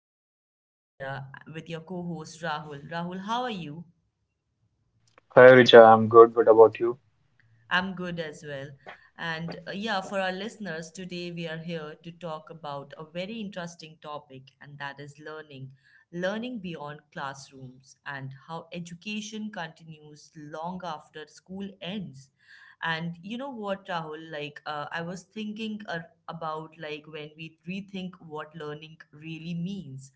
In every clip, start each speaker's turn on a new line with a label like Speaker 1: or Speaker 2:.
Speaker 1: I'm your host, Divya, with your co host, Rahul. Rahul, how are you?
Speaker 2: Hi Richa, I'm good. What about you?
Speaker 1: I'm good as well. For our listeners, today we are here to talk about a very interesting topic, and that is learning. Learning beyond classrooms and how education continues long after school ends. And you know what, Rahul? I was thinking about like when we rethink what learning really means.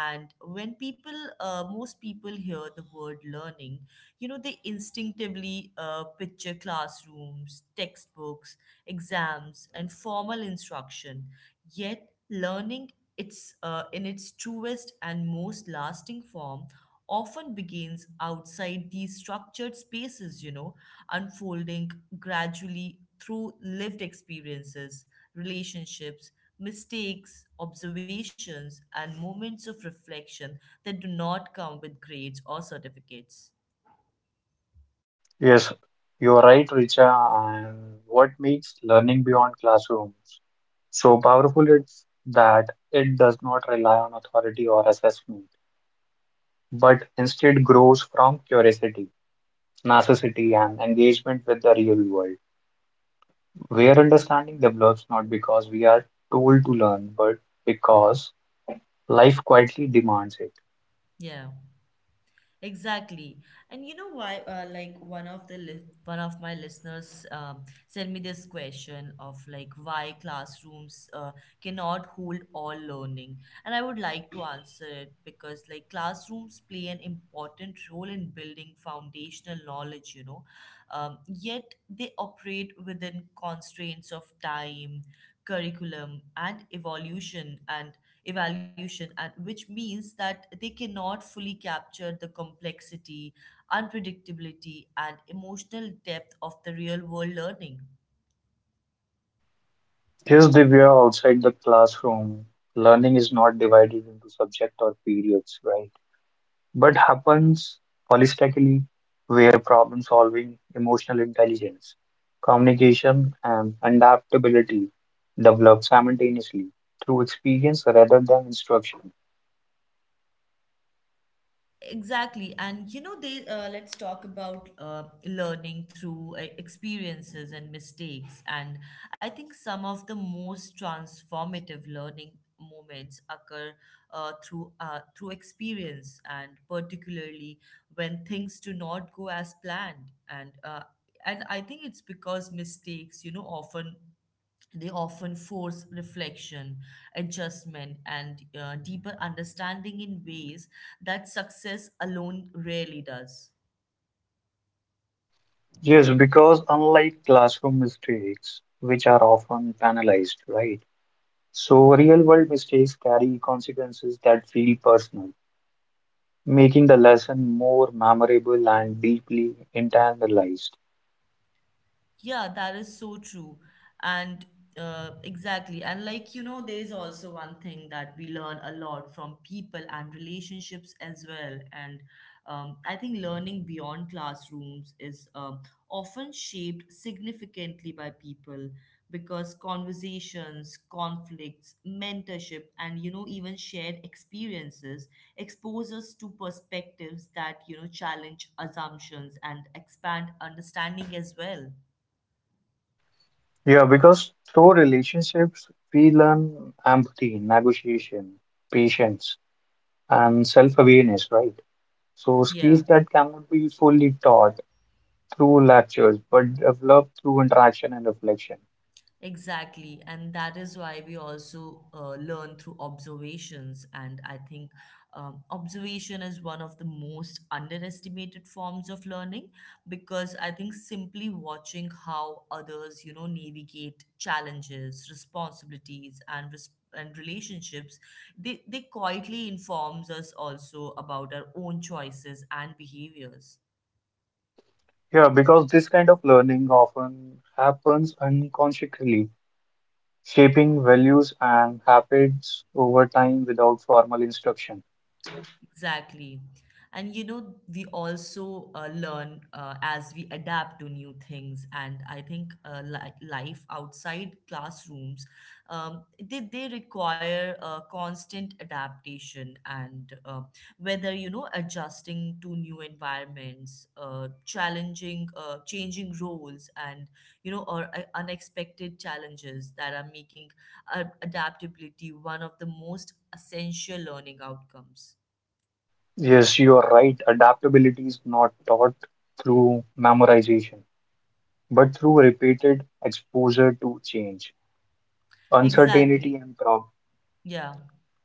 Speaker 1: And when people, most people hear the word learning, you know they instinctively picture classrooms, textbooks, exams, and formal instruction, yet learning, its in its truest and most lasting form, often begins outside these structured spaces, you know, unfolding gradually through lived experiences, relationships, mistakes, observations, and moments of reflection that do not come with grades or certificates.
Speaker 2: Yes, you are right, Richa. And what makes learning beyond classrooms so powerful is that it does not rely on authority or assessment, but instead grows from curiosity, necessity, and engagement with the real world, where understanding develops not because we are told to learn, but because life quietly demands it.
Speaker 1: Yeah, exactly. And you know why? Like one of my listeners sent me this question of like why classrooms cannot hold all learning, and I would like to answer it because like classrooms play an important role in building foundational knowledge, you know, yet they operate within constraints of time, curriculum, and evolution and evaluation, and which means that they cannot fully capture the complexity, unpredictability, and emotional depth of the real world learning.
Speaker 2: Here's Divya outside the classroom. Learning is not divided into subject or periods, right? But happens holistically, where problem solving, emotional intelligence, communication, and adaptability develop simultaneously through experience rather than instruction.
Speaker 1: Exactly. And you know, they let's talk about learning through experiences and mistakes. And I think some of the most transformative learning moments occur through experience, and particularly when things do not go as planned. And I think it's because mistakes, you know, often they often force reflection, adjustment, and deeper understanding in ways that success alone rarely does.
Speaker 2: Yes, because unlike classroom mistakes, which are often penalized, right? So real world mistakes carry consequences that feel personal, making the lesson more memorable and deeply internalized.
Speaker 1: Yeah, that is so true. And exactly. And like, you know, there is also one thing that we learn a lot from people and relationships as well. And I think learning beyond classrooms is often shaped significantly by people because conversations, conflicts, mentorship, and, you know, even shared experiences expose us to perspectives that, you know, challenge assumptions and expand understanding as well.
Speaker 2: Yeah, because through relationships, we learn empathy, negotiation, patience, and self-awareness, right? So skills
Speaker 1: Yeah,
Speaker 2: that cannot be fully taught through lectures, but developed through interaction and reflection.
Speaker 1: exactly. And that is why we also learn through observations. And I think observation is one of the most underestimated forms of learning because I think simply watching how others, you know, navigate challenges, responsibilities, and relationships, they quietly informs us also about our own choices and behaviors.
Speaker 2: Yeah, because this kind of learning often happens unconsciously, shaping values and habits over time without formal instruction.
Speaker 1: Exactly. And you know, we also learn as we adapt to new things. And I think li life outside classrooms, they require constant adaptation and whether, you know, adjusting to new environments, changing roles and, you know, or unexpected challenges that are making adaptability one of the most essential learning outcomes.
Speaker 2: Yes, you are right. Adaptability is not taught through memorization, but through repeated exposure to change, uncertainty
Speaker 1: Exactly.
Speaker 2: and prob
Speaker 1: Yeah.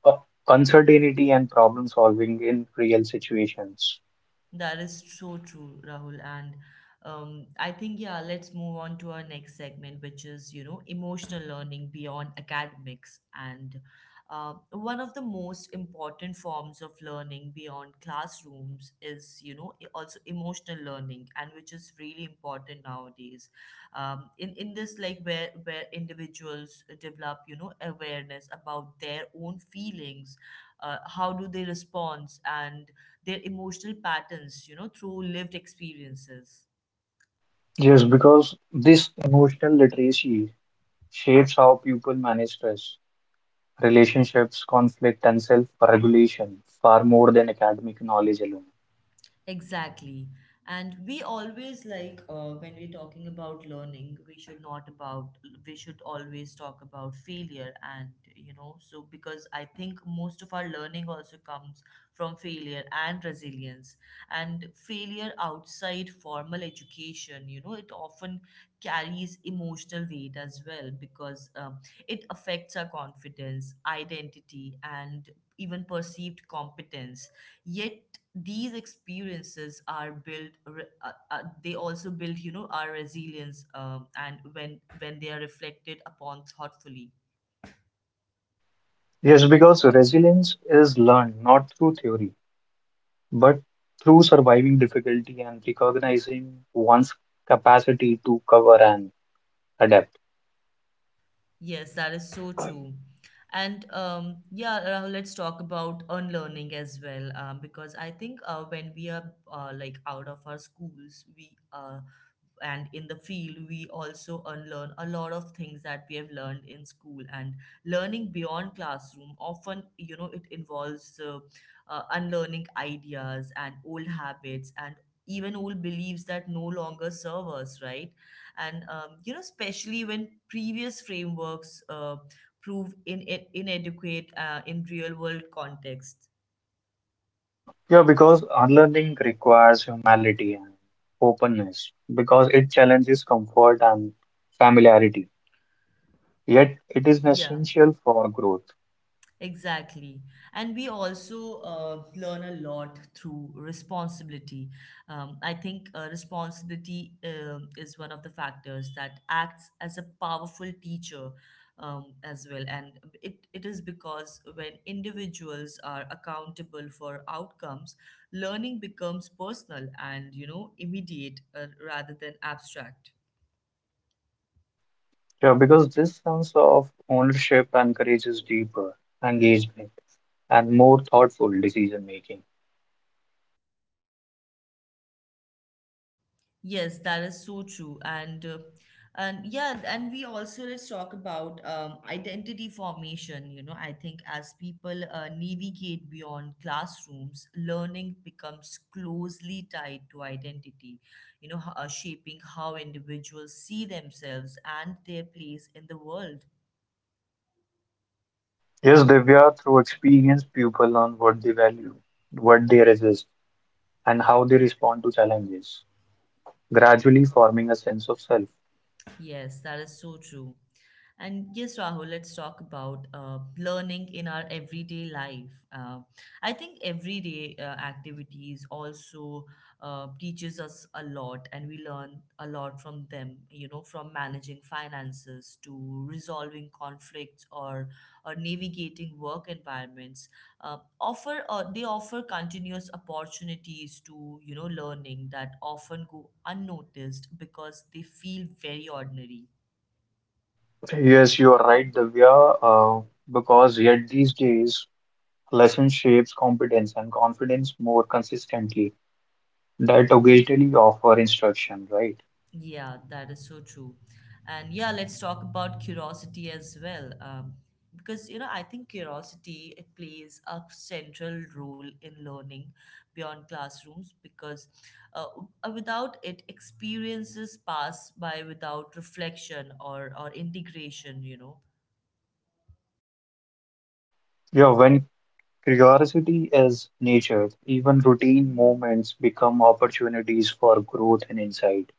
Speaker 2: uh, uncertainty and problem solving in real situations.
Speaker 1: That is so true, Rahul. And I think, yeah, let's move on to our next segment, which is, you know, emotional learning beyond academics. And one of the most important forms of learning beyond classrooms is, you know, also emotional learning, and which is really important nowadays. In this, like where individuals develop, you know, awareness about their own feelings, how do they respond, and their emotional patterns, you know, through lived experiences.
Speaker 2: Yes, because this emotional literacy shapes how people manage stress, relationships, conflict, and self-regulation far more than academic knowledge alone.
Speaker 1: Exactly. And we always when we're talking about learning, we should not about we should always talk about failure and you know, so because I think most of our learning also comes from failure and resilience. And failure outside formal education, you know, it often carries emotional weight as well because it affects our confidence, identity, and even perceived competence, yet these experiences are built re- they also build, you know, our resilience, and when they are reflected upon thoughtfully.
Speaker 2: Yes, because resilience is learned not through theory, but through surviving difficulty and recognizing one's capacity to cover and adapt.
Speaker 1: Yes, that is so true. And yeah, Rahul, let's talk about unlearning as well, because I think when we are like out of our schools, we and in the field we also unlearn a lot of things that we have learned in school, and learning beyond classroom often, you know, it involves unlearning ideas and old habits and even old beliefs that no longer serve us, right? And you know, especially when previous frameworks prove inadequate in real world context.
Speaker 2: Yeah, because unlearning requires humility and openness, because it challenges comfort and familiarity. Yet it is
Speaker 1: Yeah.
Speaker 2: essential for growth.
Speaker 1: Exactly. And we also learn a lot through responsibility. I think responsibility is one of the factors that acts as a powerful teacher as well. And it is because when individuals are accountable for outcomes, learning becomes personal and, you know, immediate, rather than abstract.
Speaker 2: Yeah, because this sense of ownership encourages deeper engagement and more thoughtful decision making.
Speaker 1: Yes, that is so true. And we also, let's talk about identity formation. You know, I think as people navigate beyond classrooms, learning becomes closely tied to identity. Shaping how individuals see themselves and their place in the world.
Speaker 2: Yes, Divya, through experience, people learn what they value, what they resist, and how they respond to challenges, gradually forming a sense of self.
Speaker 1: Yes, that is so true. And yes, Rahul, let's talk about learning in our everyday life. I think everyday activities also teaches us a lot, and we learn a lot from them. You know, from managing finances to resolving conflicts or navigating work environments, offer they offer continuous opportunities to, you know, learning that often go unnoticed because they feel very ordinary.
Speaker 2: Yes, you are right, Divya, because yet these days, lesson shapes competence and confidence more consistently that occasionally offer instruction, right?
Speaker 1: Yeah, that is so true. And yeah, let's talk about curiosity as well, because you know, I think curiosity, it plays a central role in learning beyond classrooms because uh, without it, experiences pass by without reflection or integration, you know.
Speaker 2: Yeah, when curiosity is nurtured, even routine moments become opportunities for growth and insight.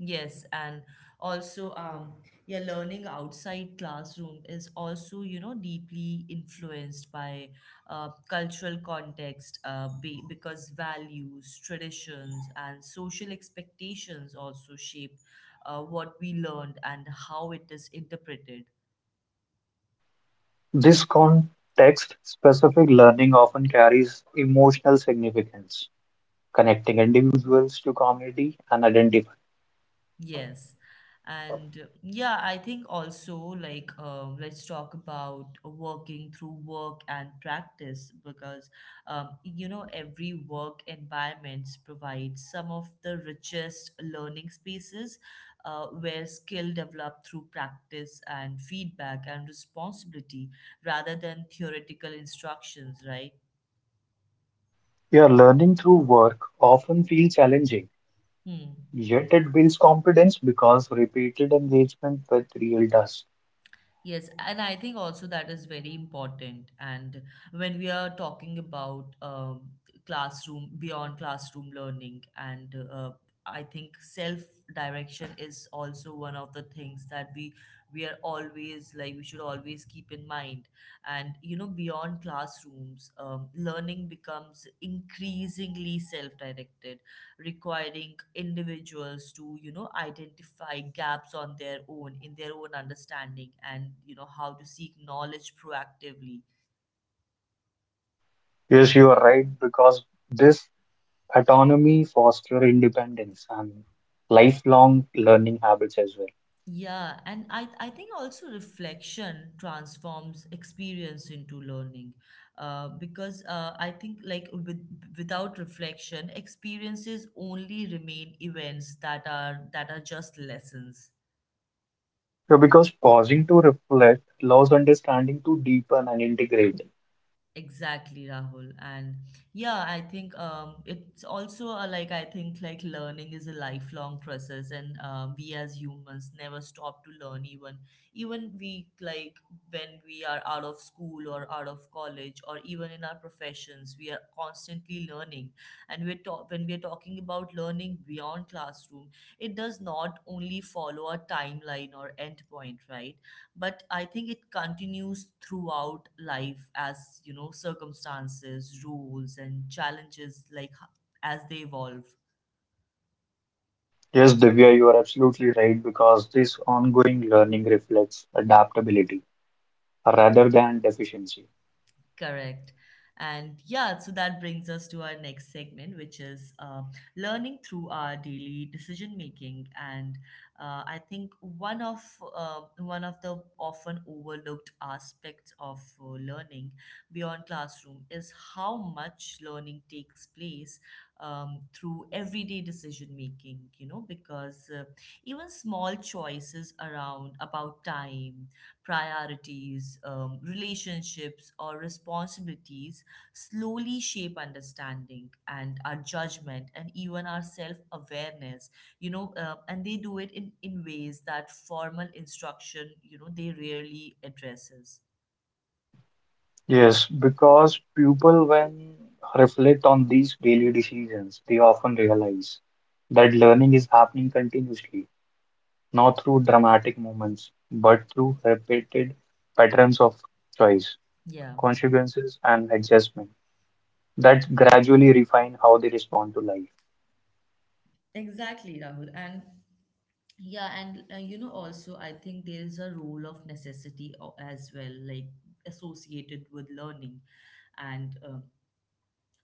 Speaker 1: Yes, and also, yeah, learning outside classroom is also, you know, deeply influenced by cultural context, because values, traditions, and social expectations also shape what we learned and how it is interpreted.
Speaker 2: This context-specific learning often carries emotional significance, connecting individuals to community and identify.
Speaker 1: Yes. And yeah, I think also, like let's talk about working through work and practice because you know, every work environments provide some of the richest learning spaces where skill develop through practice and feedback and responsibility rather than theoretical instructions, right?
Speaker 2: Yeah, learning through work often feels challenging.
Speaker 1: Hmm.
Speaker 2: Yet it builds confidence because repeated engagement with real does.
Speaker 1: Yes, and I think also that is very important. And when we are talking about classroom, beyond classroom learning, and I think self direction is also one of the things that we are always like, we should always keep in mind. And you know, beyond classrooms, learning becomes increasingly self directed, requiring individuals to, you know, identify gaps on their own, in their own understanding, and you know, how to seek knowledge proactively.
Speaker 2: Yes, you are right, because this autonomy fosters independence and lifelong learning habits as well.
Speaker 1: Yeah, and I think also reflection transforms experience into learning, because I think like without reflection, experiences only remain events that are just lessons.
Speaker 2: Yeah, because pausing to reflect allows understanding to deepen and integrate.
Speaker 1: Exactly, Rahul. And yeah, I think it's also like I think like learning is a lifelong process, and we as humans never stop to learn. Even even we like when we are out of school or out of college or even in our professions, we are constantly learning. And we're talk when we're talking about learning beyond classroom, it does not only follow a timeline or endpoint, right? But I think it continues throughout life as, you know, circumstances, roles, and challenges, as they evolve.
Speaker 2: Yes, Divya, you are absolutely right, because this ongoing learning reflects adaptability rather than deficiency.
Speaker 1: Correct. And yeah, so that brings us to our next segment, which is learning through our daily decision making. And I think one of the often overlooked aspects of learning beyond classroom is how much learning takes place through everyday decision making. You know, because even small choices around about time, priorities, relationships, or responsibilities slowly shape understanding and our judgment and even our self awareness, you know, and they do it in ways that formal instruction, you know, they rarely addresses.
Speaker 2: Yes, because people, when reflect on these daily decisions, they often realize that learning is happening continuously, not through dramatic moments, but through repeated patterns of choice,
Speaker 1: Yeah,
Speaker 2: consequences, and adjustment that gradually refine how they respond to life.
Speaker 1: exactly, Rahul. And you know, also, I think there is a role of necessity as well, like associated with learning. And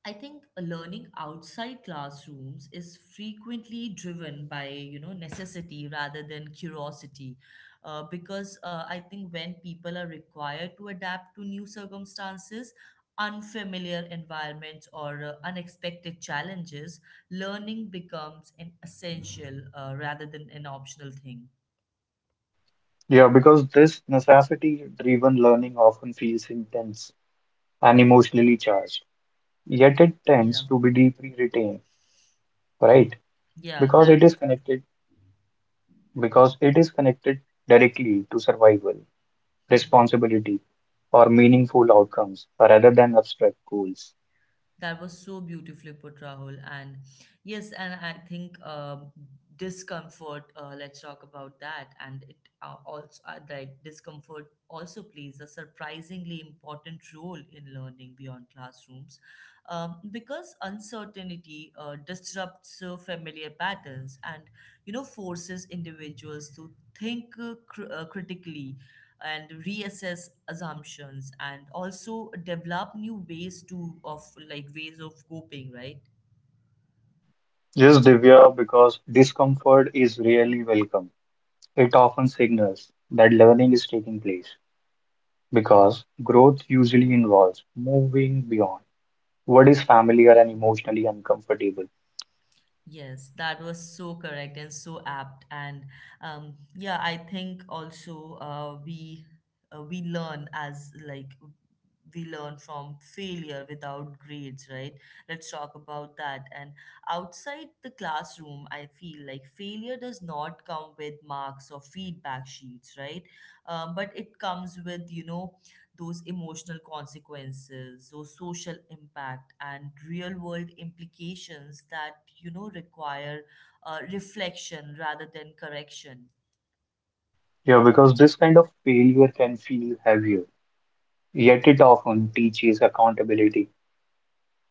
Speaker 1: I think learning outside classrooms is frequently driven by, you know, necessity rather than curiosity, because I think when people are required to adapt to new circumstances, unfamiliar environments, or unexpected challenges, learning becomes an essential rather than an optional thing.
Speaker 2: Yeah, because this necessity-driven learning often feels intense and emotionally charged, yet it tends
Speaker 1: Yeah,
Speaker 2: to be deeply retained, right?
Speaker 1: yeah,
Speaker 2: Because
Speaker 1: that
Speaker 2: it is
Speaker 1: is so true.
Speaker 2: connected because it is connected directly to survival,
Speaker 1: Mm-hmm.
Speaker 2: responsibility, or meaningful outcomes rather than abstract goals.
Speaker 1: That was so beautifully put, Rahul. And yes, and I think discomfort. Let's talk about that. And it also like discomfort also plays a surprisingly important role in learning beyond classrooms, because uncertainty disrupts familiar patterns and you know, forces individuals to think critically and reassess assumptions and also develop new ways to of like ways of coping, right?
Speaker 2: Yes, Divya, because discomfort is rarely welcome. It often signals that learning is taking place, because growth usually involves moving beyond what is familiar and emotionally uncomfortable.
Speaker 1: Yes, that was so correct and so apt. And yeah, I think also we learn as like we learn from failure without grades, right? Let's talk about that. And outside the classroom, I feel like failure does not come with marks or feedback sheets, right? But it comes with those emotional consequences, those social impact, and real world implications that require reflection rather than correction.
Speaker 2: Yeah, because this kind of failure can feel heavier, yet it often teaches accountability,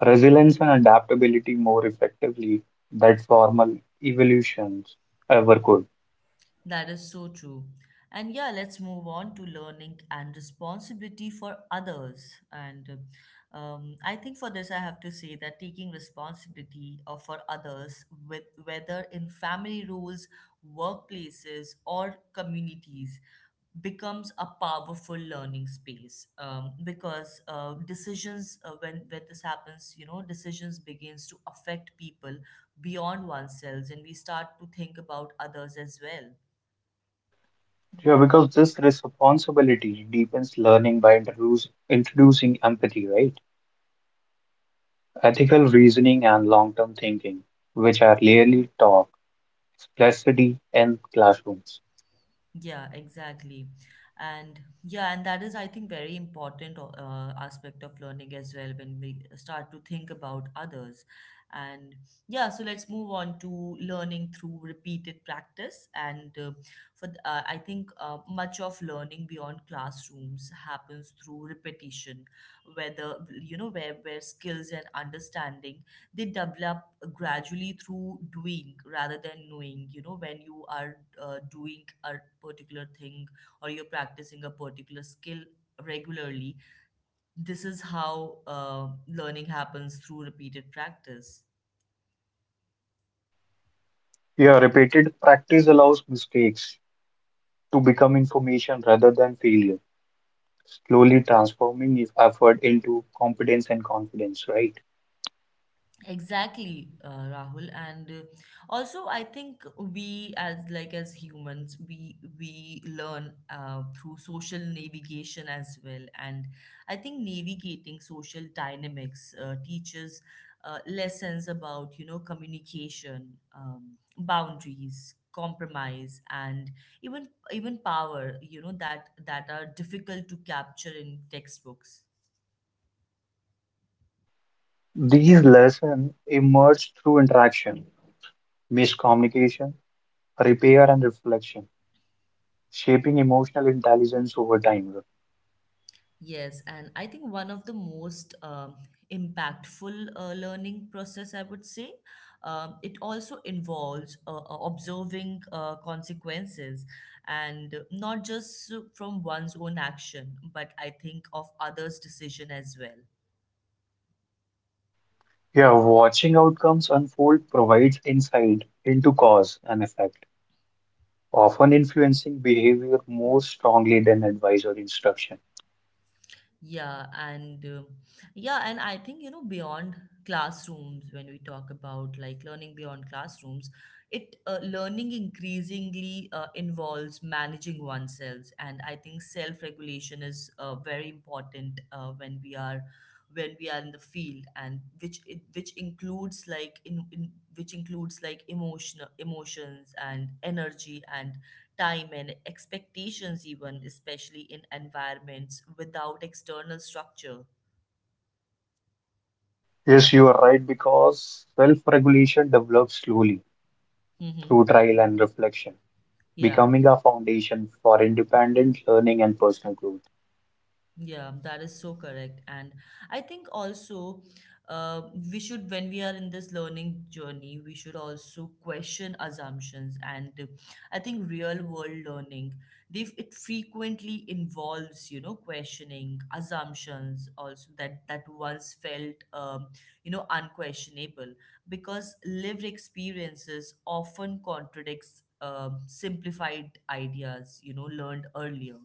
Speaker 2: resilience, and adaptability more effectively than formal evolutions ever could.
Speaker 1: That is so true. And yeah, let's move on to learning and responsibility for others. And I think for this, I have to say that taking responsibility for others, with whether in family roles, workplaces, or communities, becomes a powerful learning space. Because decisions, when this happens, decisions begins to affect people beyond oneself, and we start to think about others as well.
Speaker 2: Yeah, because this responsibility deepens learning by introducing empathy, right? Ethical reasoning and long-term thinking, which are rarely taught explicitly in classrooms.
Speaker 1: Yeah, exactly. And yeah, and that is, I think, very important aspect of learning as well when we start to think about others. And yeah, so let's move on to learning through repeated practice. I think much of learning beyond classrooms happens through repetition, whether where skills and understanding they develop gradually through doing rather than knowing when you are doing a particular thing or you're practicing a particular skill regularly. This is how learning happens through repeated practice.
Speaker 2: Yeah, repeated practice allows mistakes to become information rather than failure, slowly transforming effort into competence and confidence, right?
Speaker 1: Exactly, Rahul, and also I think we as humans we learn through social navigation as well, and I think navigating social dynamics teaches lessons about communication, boundaries, compromise, and even power that are difficult to capture in textbooks.
Speaker 2: These lessons emerge through interaction, miscommunication, repair, and reflection, shaping emotional intelligence over time.
Speaker 1: Yes, and I think one of the most impactful learning process, I would say, it also involves observing consequences, and not just from one's own action, but I think of others' decision as well.
Speaker 2: Yeah, watching outcomes unfold provides insight into cause and effect, often influencing behavior more strongly than advice or instruction.
Speaker 1: Yeah, and um yeah, and I think beyond classrooms, when we talk about like learning beyond classrooms, it learning increasingly involves managing oneself, and I think self-regulation is very important when we are in the field, and which includes like in which includes like emotional emotions and energy and time and expectations even, especially in environments without external structure.
Speaker 2: Yes, you are right, because self-regulation develops slowly through
Speaker 1: Hmm.
Speaker 2: trial and reflection,
Speaker 1: Yeah.
Speaker 2: becoming a foundation for independent learning and personal growth.
Speaker 1: Yeah, that is so correct. And I think also uh, we should, when we are in this learning journey, we should also question assumptions. And I think real world learning, they it frequently involves, questioning assumptions also that once felt, unquestionable, because lived experiences often contradicts simplified ideas, learned earlier.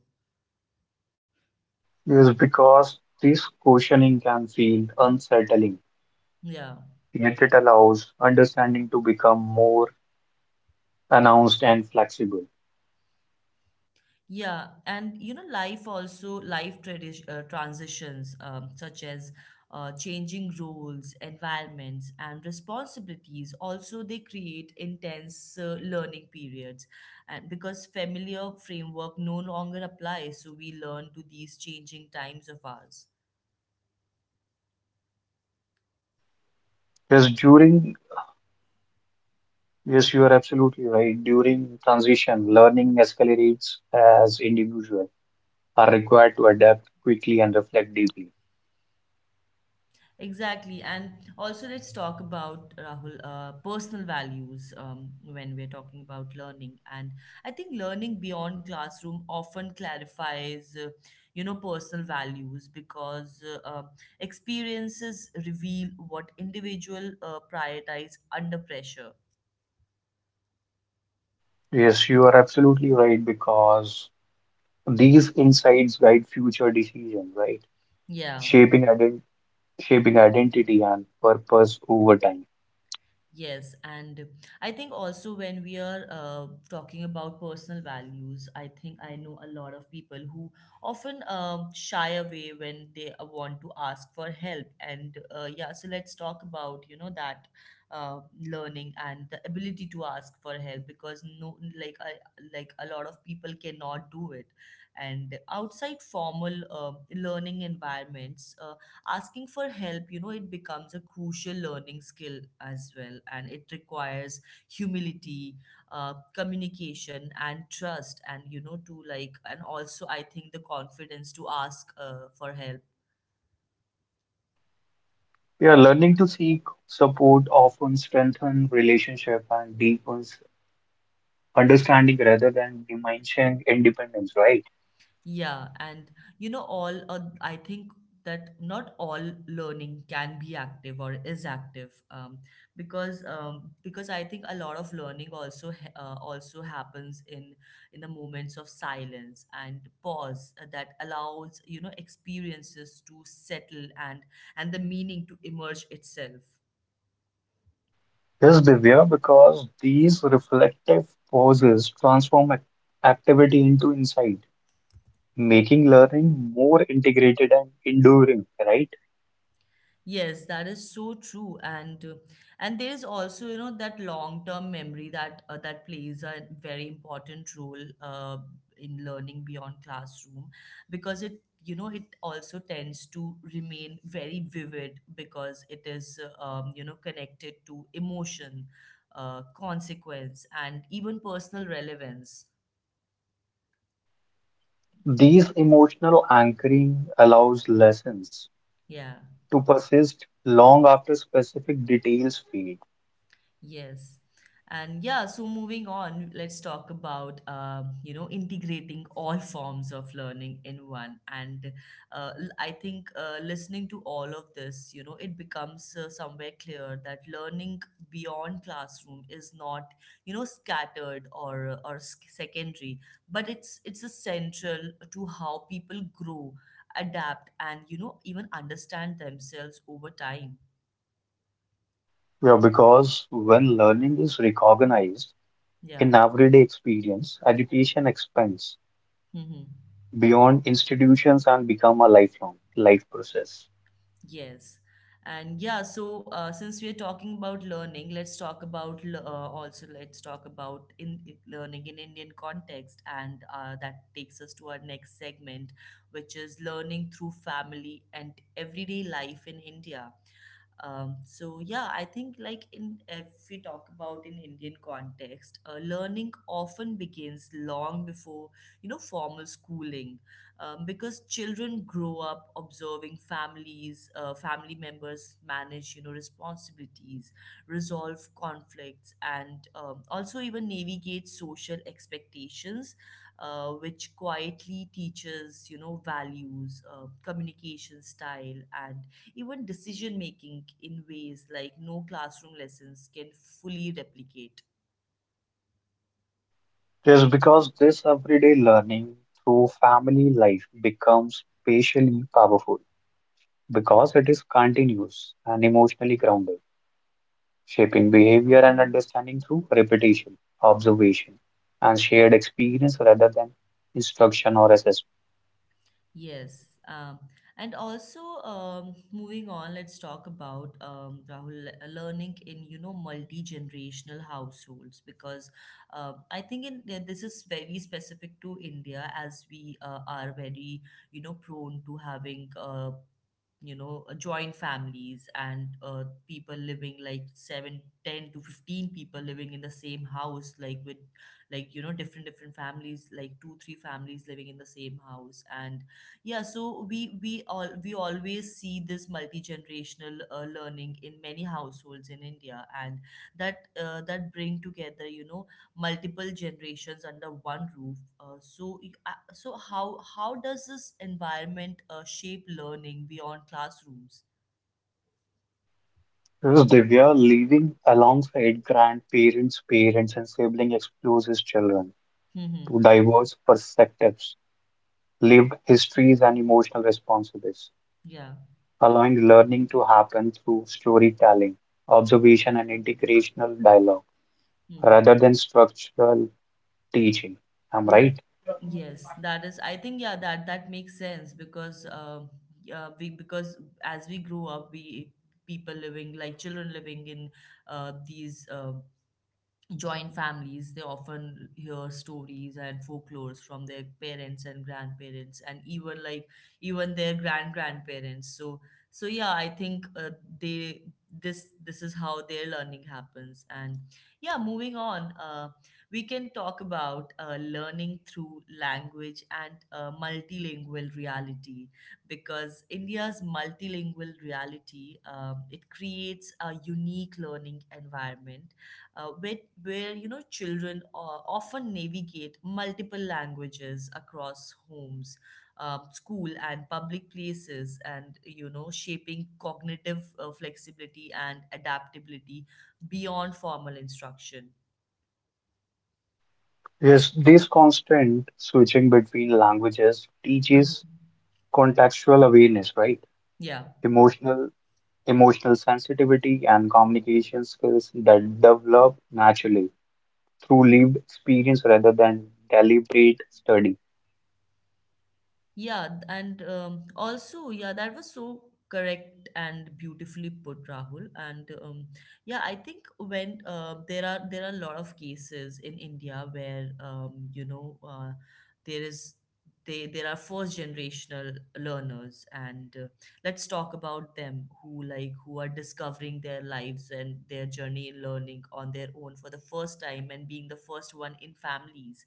Speaker 2: Is because this questioning can feel unsettling,
Speaker 1: Yeah.
Speaker 2: yet it allows understanding to become more announced and flexible.
Speaker 1: Yeah, and you know, life also transitions, such as changing roles, environments, and responsibilities. Also, they create intense learning periods, and because familiar framework no longer applies, so we learn to these changing times of ours.
Speaker 2: Yes, during, yes, you are absolutely right. During transition, learning escalates as individuals are required to adapt quickly and reflect deeply.
Speaker 1: Exactly. And also, let's talk about, Rahul, personal values, when we're talking about learning. And I think learning beyond classroom often clarifies, personal values, because experiences reveal what individual prioritize under pressure.
Speaker 2: Yes, you are absolutely right, because these insights guide future decisions, right?
Speaker 1: Yeah.
Speaker 2: Shaping ident Shaping identity and purpose over time.
Speaker 1: Yes, and I think also when we are talking about personal values, I think I know a lot of people who often shy away when they want to ask for help. And yeah, so let's talk about that uh, learning and the ability to ask for help, because no, like a lot of people cannot do it. And outside formal learning environments, asking for help, it becomes a crucial learning skill as well, and it requires humility, communication, and trust, and you know to like and also I think the confidence to ask for help.
Speaker 2: Yeah, learning to seek support often strengthens relationship and deepens understanding rather than diminishing independence, right?
Speaker 1: Yeah, and you know, all I think that not all learning can be active or is active, because I think a lot of learning also happens in the moments of silence and pause that allows experiences to settle and the meaning to emerge itself.
Speaker 2: Yes, Divya, because these reflective pauses transform activity into insight, making learning more integrated and enduring, right?
Speaker 1: Yes, that is so true, and there is also that long term memory that plays a very important role in learning beyond classroom, because it you know it also tends to remain very vivid, because it is connected to emotion, consequence, and even personal relevance.
Speaker 2: These emotional anchoring allows lessons
Speaker 1: Yeah.
Speaker 2: to persist long after specific details fade.
Speaker 1: Yes. And yeah, so moving on, let's talk about integrating all forms of learning in one. And I think listening to all of this, it becomes somewhere clear that learning beyond classroom is not scattered or secondary, but it's a central to how people grow, adapt, and even understand themselves over time.
Speaker 2: Yeah, because when learning is recognized,
Speaker 1: Yeah.
Speaker 2: in everyday experience, education expands
Speaker 1: Mm-hmm.
Speaker 2: beyond institutions and become a lifelong life process.
Speaker 1: Yes. And yeah, so since we're talking about learning, let's talk about le- also let's talk about in- learning in Indian context, and that takes us to our next segment, which is learning through family and everyday life in India. So yeah, I think like in if we talk about in Indian context, learning often begins long before formal schooling, because children grow up observing families, family members manage responsibilities, resolve conflicts, and also even navigate social expectations, which quietly teaches values, communication style, and even decision making in ways like no classroom lessons can fully replicate.
Speaker 2: Just because this everyday learning through family life becomes spatially powerful, because it is continuous and emotionally grounded, shaping behavior and understanding through repetition, observation, and shared experience rather than instruction or assessment.
Speaker 1: Yes. And also, moving on, let's talk about, Rahul, learning in multi-generational households, because I think this is very specific to India, as we are very prone to having joint families, and people living like 7, 10 to 15 people living in the same house, like with like you know different different families, like two three families living in the same house, and yeah, so we always see this multi-generational learning in many households in India. And that bring together multiple generations under one roof. So how does this environment shape learning beyond classrooms?
Speaker 2: Yes, Divya, living alongside grandparents, parents, and siblings exposes children
Speaker 1: Mm-hmm.
Speaker 2: to diverse perspectives, lived histories, and emotional responses,
Speaker 1: Yeah.
Speaker 2: allowing learning to happen through storytelling, observation, and integrational dialogue
Speaker 1: Mm-hmm.
Speaker 2: rather than structural teaching. I'm right.
Speaker 1: Yes, that is. I think yeah, that makes sense because yeah, we because as we grow up, we people living like children living in these. Joint families, they often hear stories and folklores from their parents and grandparents and even like even their grandparents, so yeah, I think they this is how their learning happens, and yeah, moving on, we can talk about learning through language and multilingual reality, because India's multilingual reality, it creates a unique learning environment where you know children often navigate multiple languages across homes, school and public places, and shaping cognitive flexibility and adaptability beyond formal instruction.
Speaker 2: Yes, this constant switching between languages
Speaker 1: Mhm.
Speaker 2: teaches contextual awareness, right?
Speaker 1: Yeah.
Speaker 2: Emotional emotional sensitivity and communication skills that develop naturally through lived experience rather than deliberate study.
Speaker 1: Yeah, and also, yeah, that was so correct and beautifully put, Rahul. And yeah, I think when there are a lot of cases in India where there is they there are first generational learners, and let's talk about them, who who are discovering their lives and their journey in learning on their own for the first time and being the first one in families.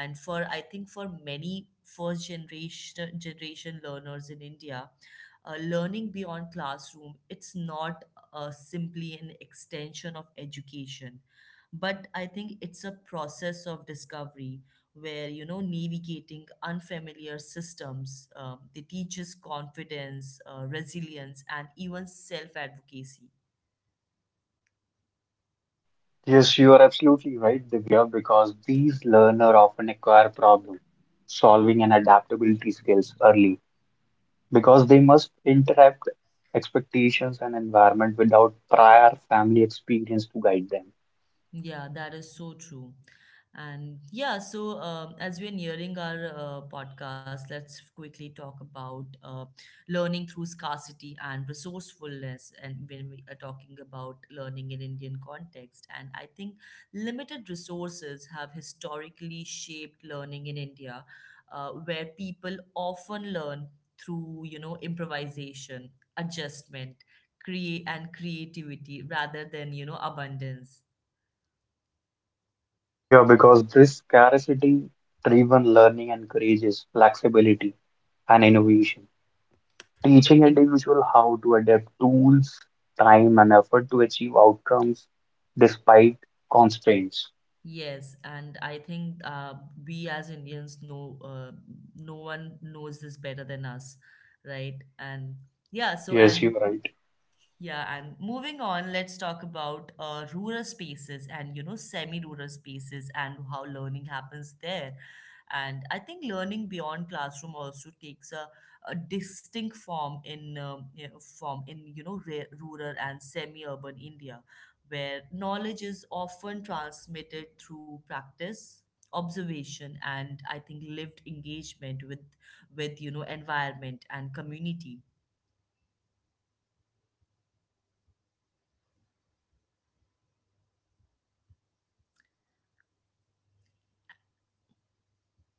Speaker 1: And for, I think, for many first generation learners in India, learning beyond classroom, it's not simply an extension of education, but I think it's a process of discovery, where navigating unfamiliar systems, they teach us confidence, resilience, and even self advocacy.
Speaker 2: Yes, you are absolutely right, Divya, because these learners often acquire problem solving and adaptability skills early because they must
Speaker 1: Yeah.
Speaker 2: interrupt expectations and environment without prior family experience to guide them.
Speaker 1: Yeah, that is so true. And yeah, so as we're nearing our podcast, let's quickly talk about learning through scarcity and resourcefulness. And when we are talking about learning in Indian context, and I think limited resources have historically shaped learning in India, where people often learn through improvisation, adjustment, create and creativity rather than abundance.
Speaker 2: Yeah, because this scarcity driven learning encourages flexibility and innovation, teaching individual how to adapt tools, time, and effort to achieve outcomes despite constraints.
Speaker 1: Yes, and I think we as Indians know, no one knows this better than us, right? And yeah, so
Speaker 2: Yes, you're
Speaker 1: and
Speaker 2: right.
Speaker 1: yeah, and moving on, let's talk about rural spaces and semi-rural spaces and how learning happens there. And I think learning beyond classroom also takes a distinct form in rural and semi-urban India, where knowledge is often transmitted through practice, observation, and I think lived engagement with environment and community.
Speaker 2: Skills related to agriculture, craftsmanship, and local systems are learned through participation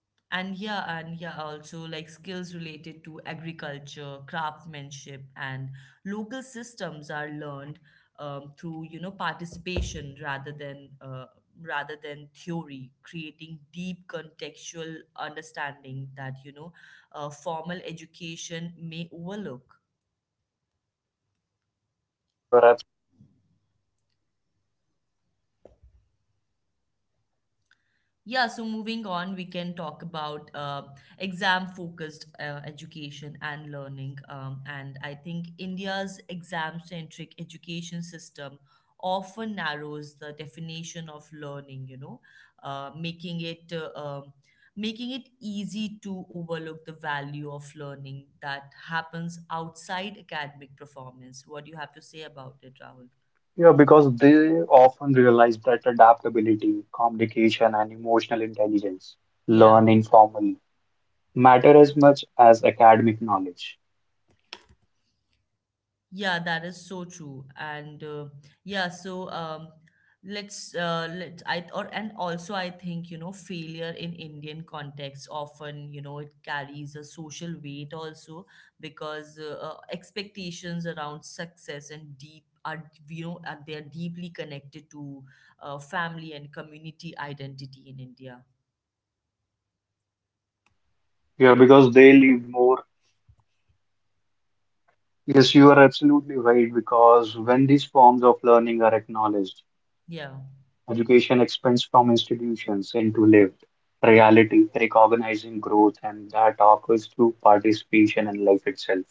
Speaker 2: rather
Speaker 1: And
Speaker 2: than
Speaker 1: yeah,
Speaker 2: theory.
Speaker 1: and yeah, also like skills related to agriculture, craftsmanship, and local systems are learned through participation rather than theory, creating deep contextual understanding that formal education may overlook.
Speaker 2: Yeah, you are absolutely right. Because when individual later out encounter real world challenge,
Speaker 1: Yeah, so
Speaker 2: they
Speaker 1: moving
Speaker 2: often re-
Speaker 1: on, we can talk about exam-focused education and learning. And I think India's exam-centric education system often narrows the definition of learning, uh, making it uh, um, making it easy to overlook the value of learning that happens outside academic performance. What do you have to say about it, Rahul?
Speaker 2: yeah, because they often realize that adaptability, communication, and emotional intelligence
Speaker 1: Yeah.
Speaker 2: learn informally matter as much as academic knowledge.
Speaker 1: Yeah, that is so true. And yeah, so let's let I or and also I think failure in Indian context, often it carries a social weight also, because expectations around success and deep are you know are they are deeply connected to family and community identity in India.
Speaker 2: Yeah, because they live more. Yes, you are absolutely right, because when these forms of learning are acknowledged,
Speaker 1: Yeah.
Speaker 2: education expands from institutions into lived reality, recognizing growth, and that occurs through participation in life itself.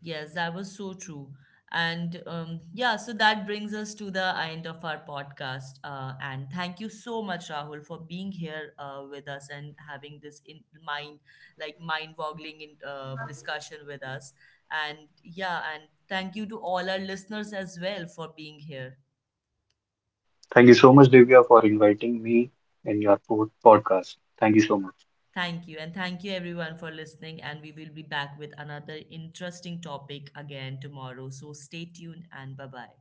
Speaker 1: Yes, that was so true. And yeah, so that brings us to the end of our podcast. And thank you so much, Rahul, for being here with us and having this in mind, like mind-boggling discussion with us. And yeah, and thank you to all our listeners as well for being here.
Speaker 2: Thank you so much, Divya, for inviting me in your podcast. Thank you so much.
Speaker 1: Thank you. And thank you everyone for listening. And we will be back with another interesting topic again tomorrow. So stay tuned and bye bye.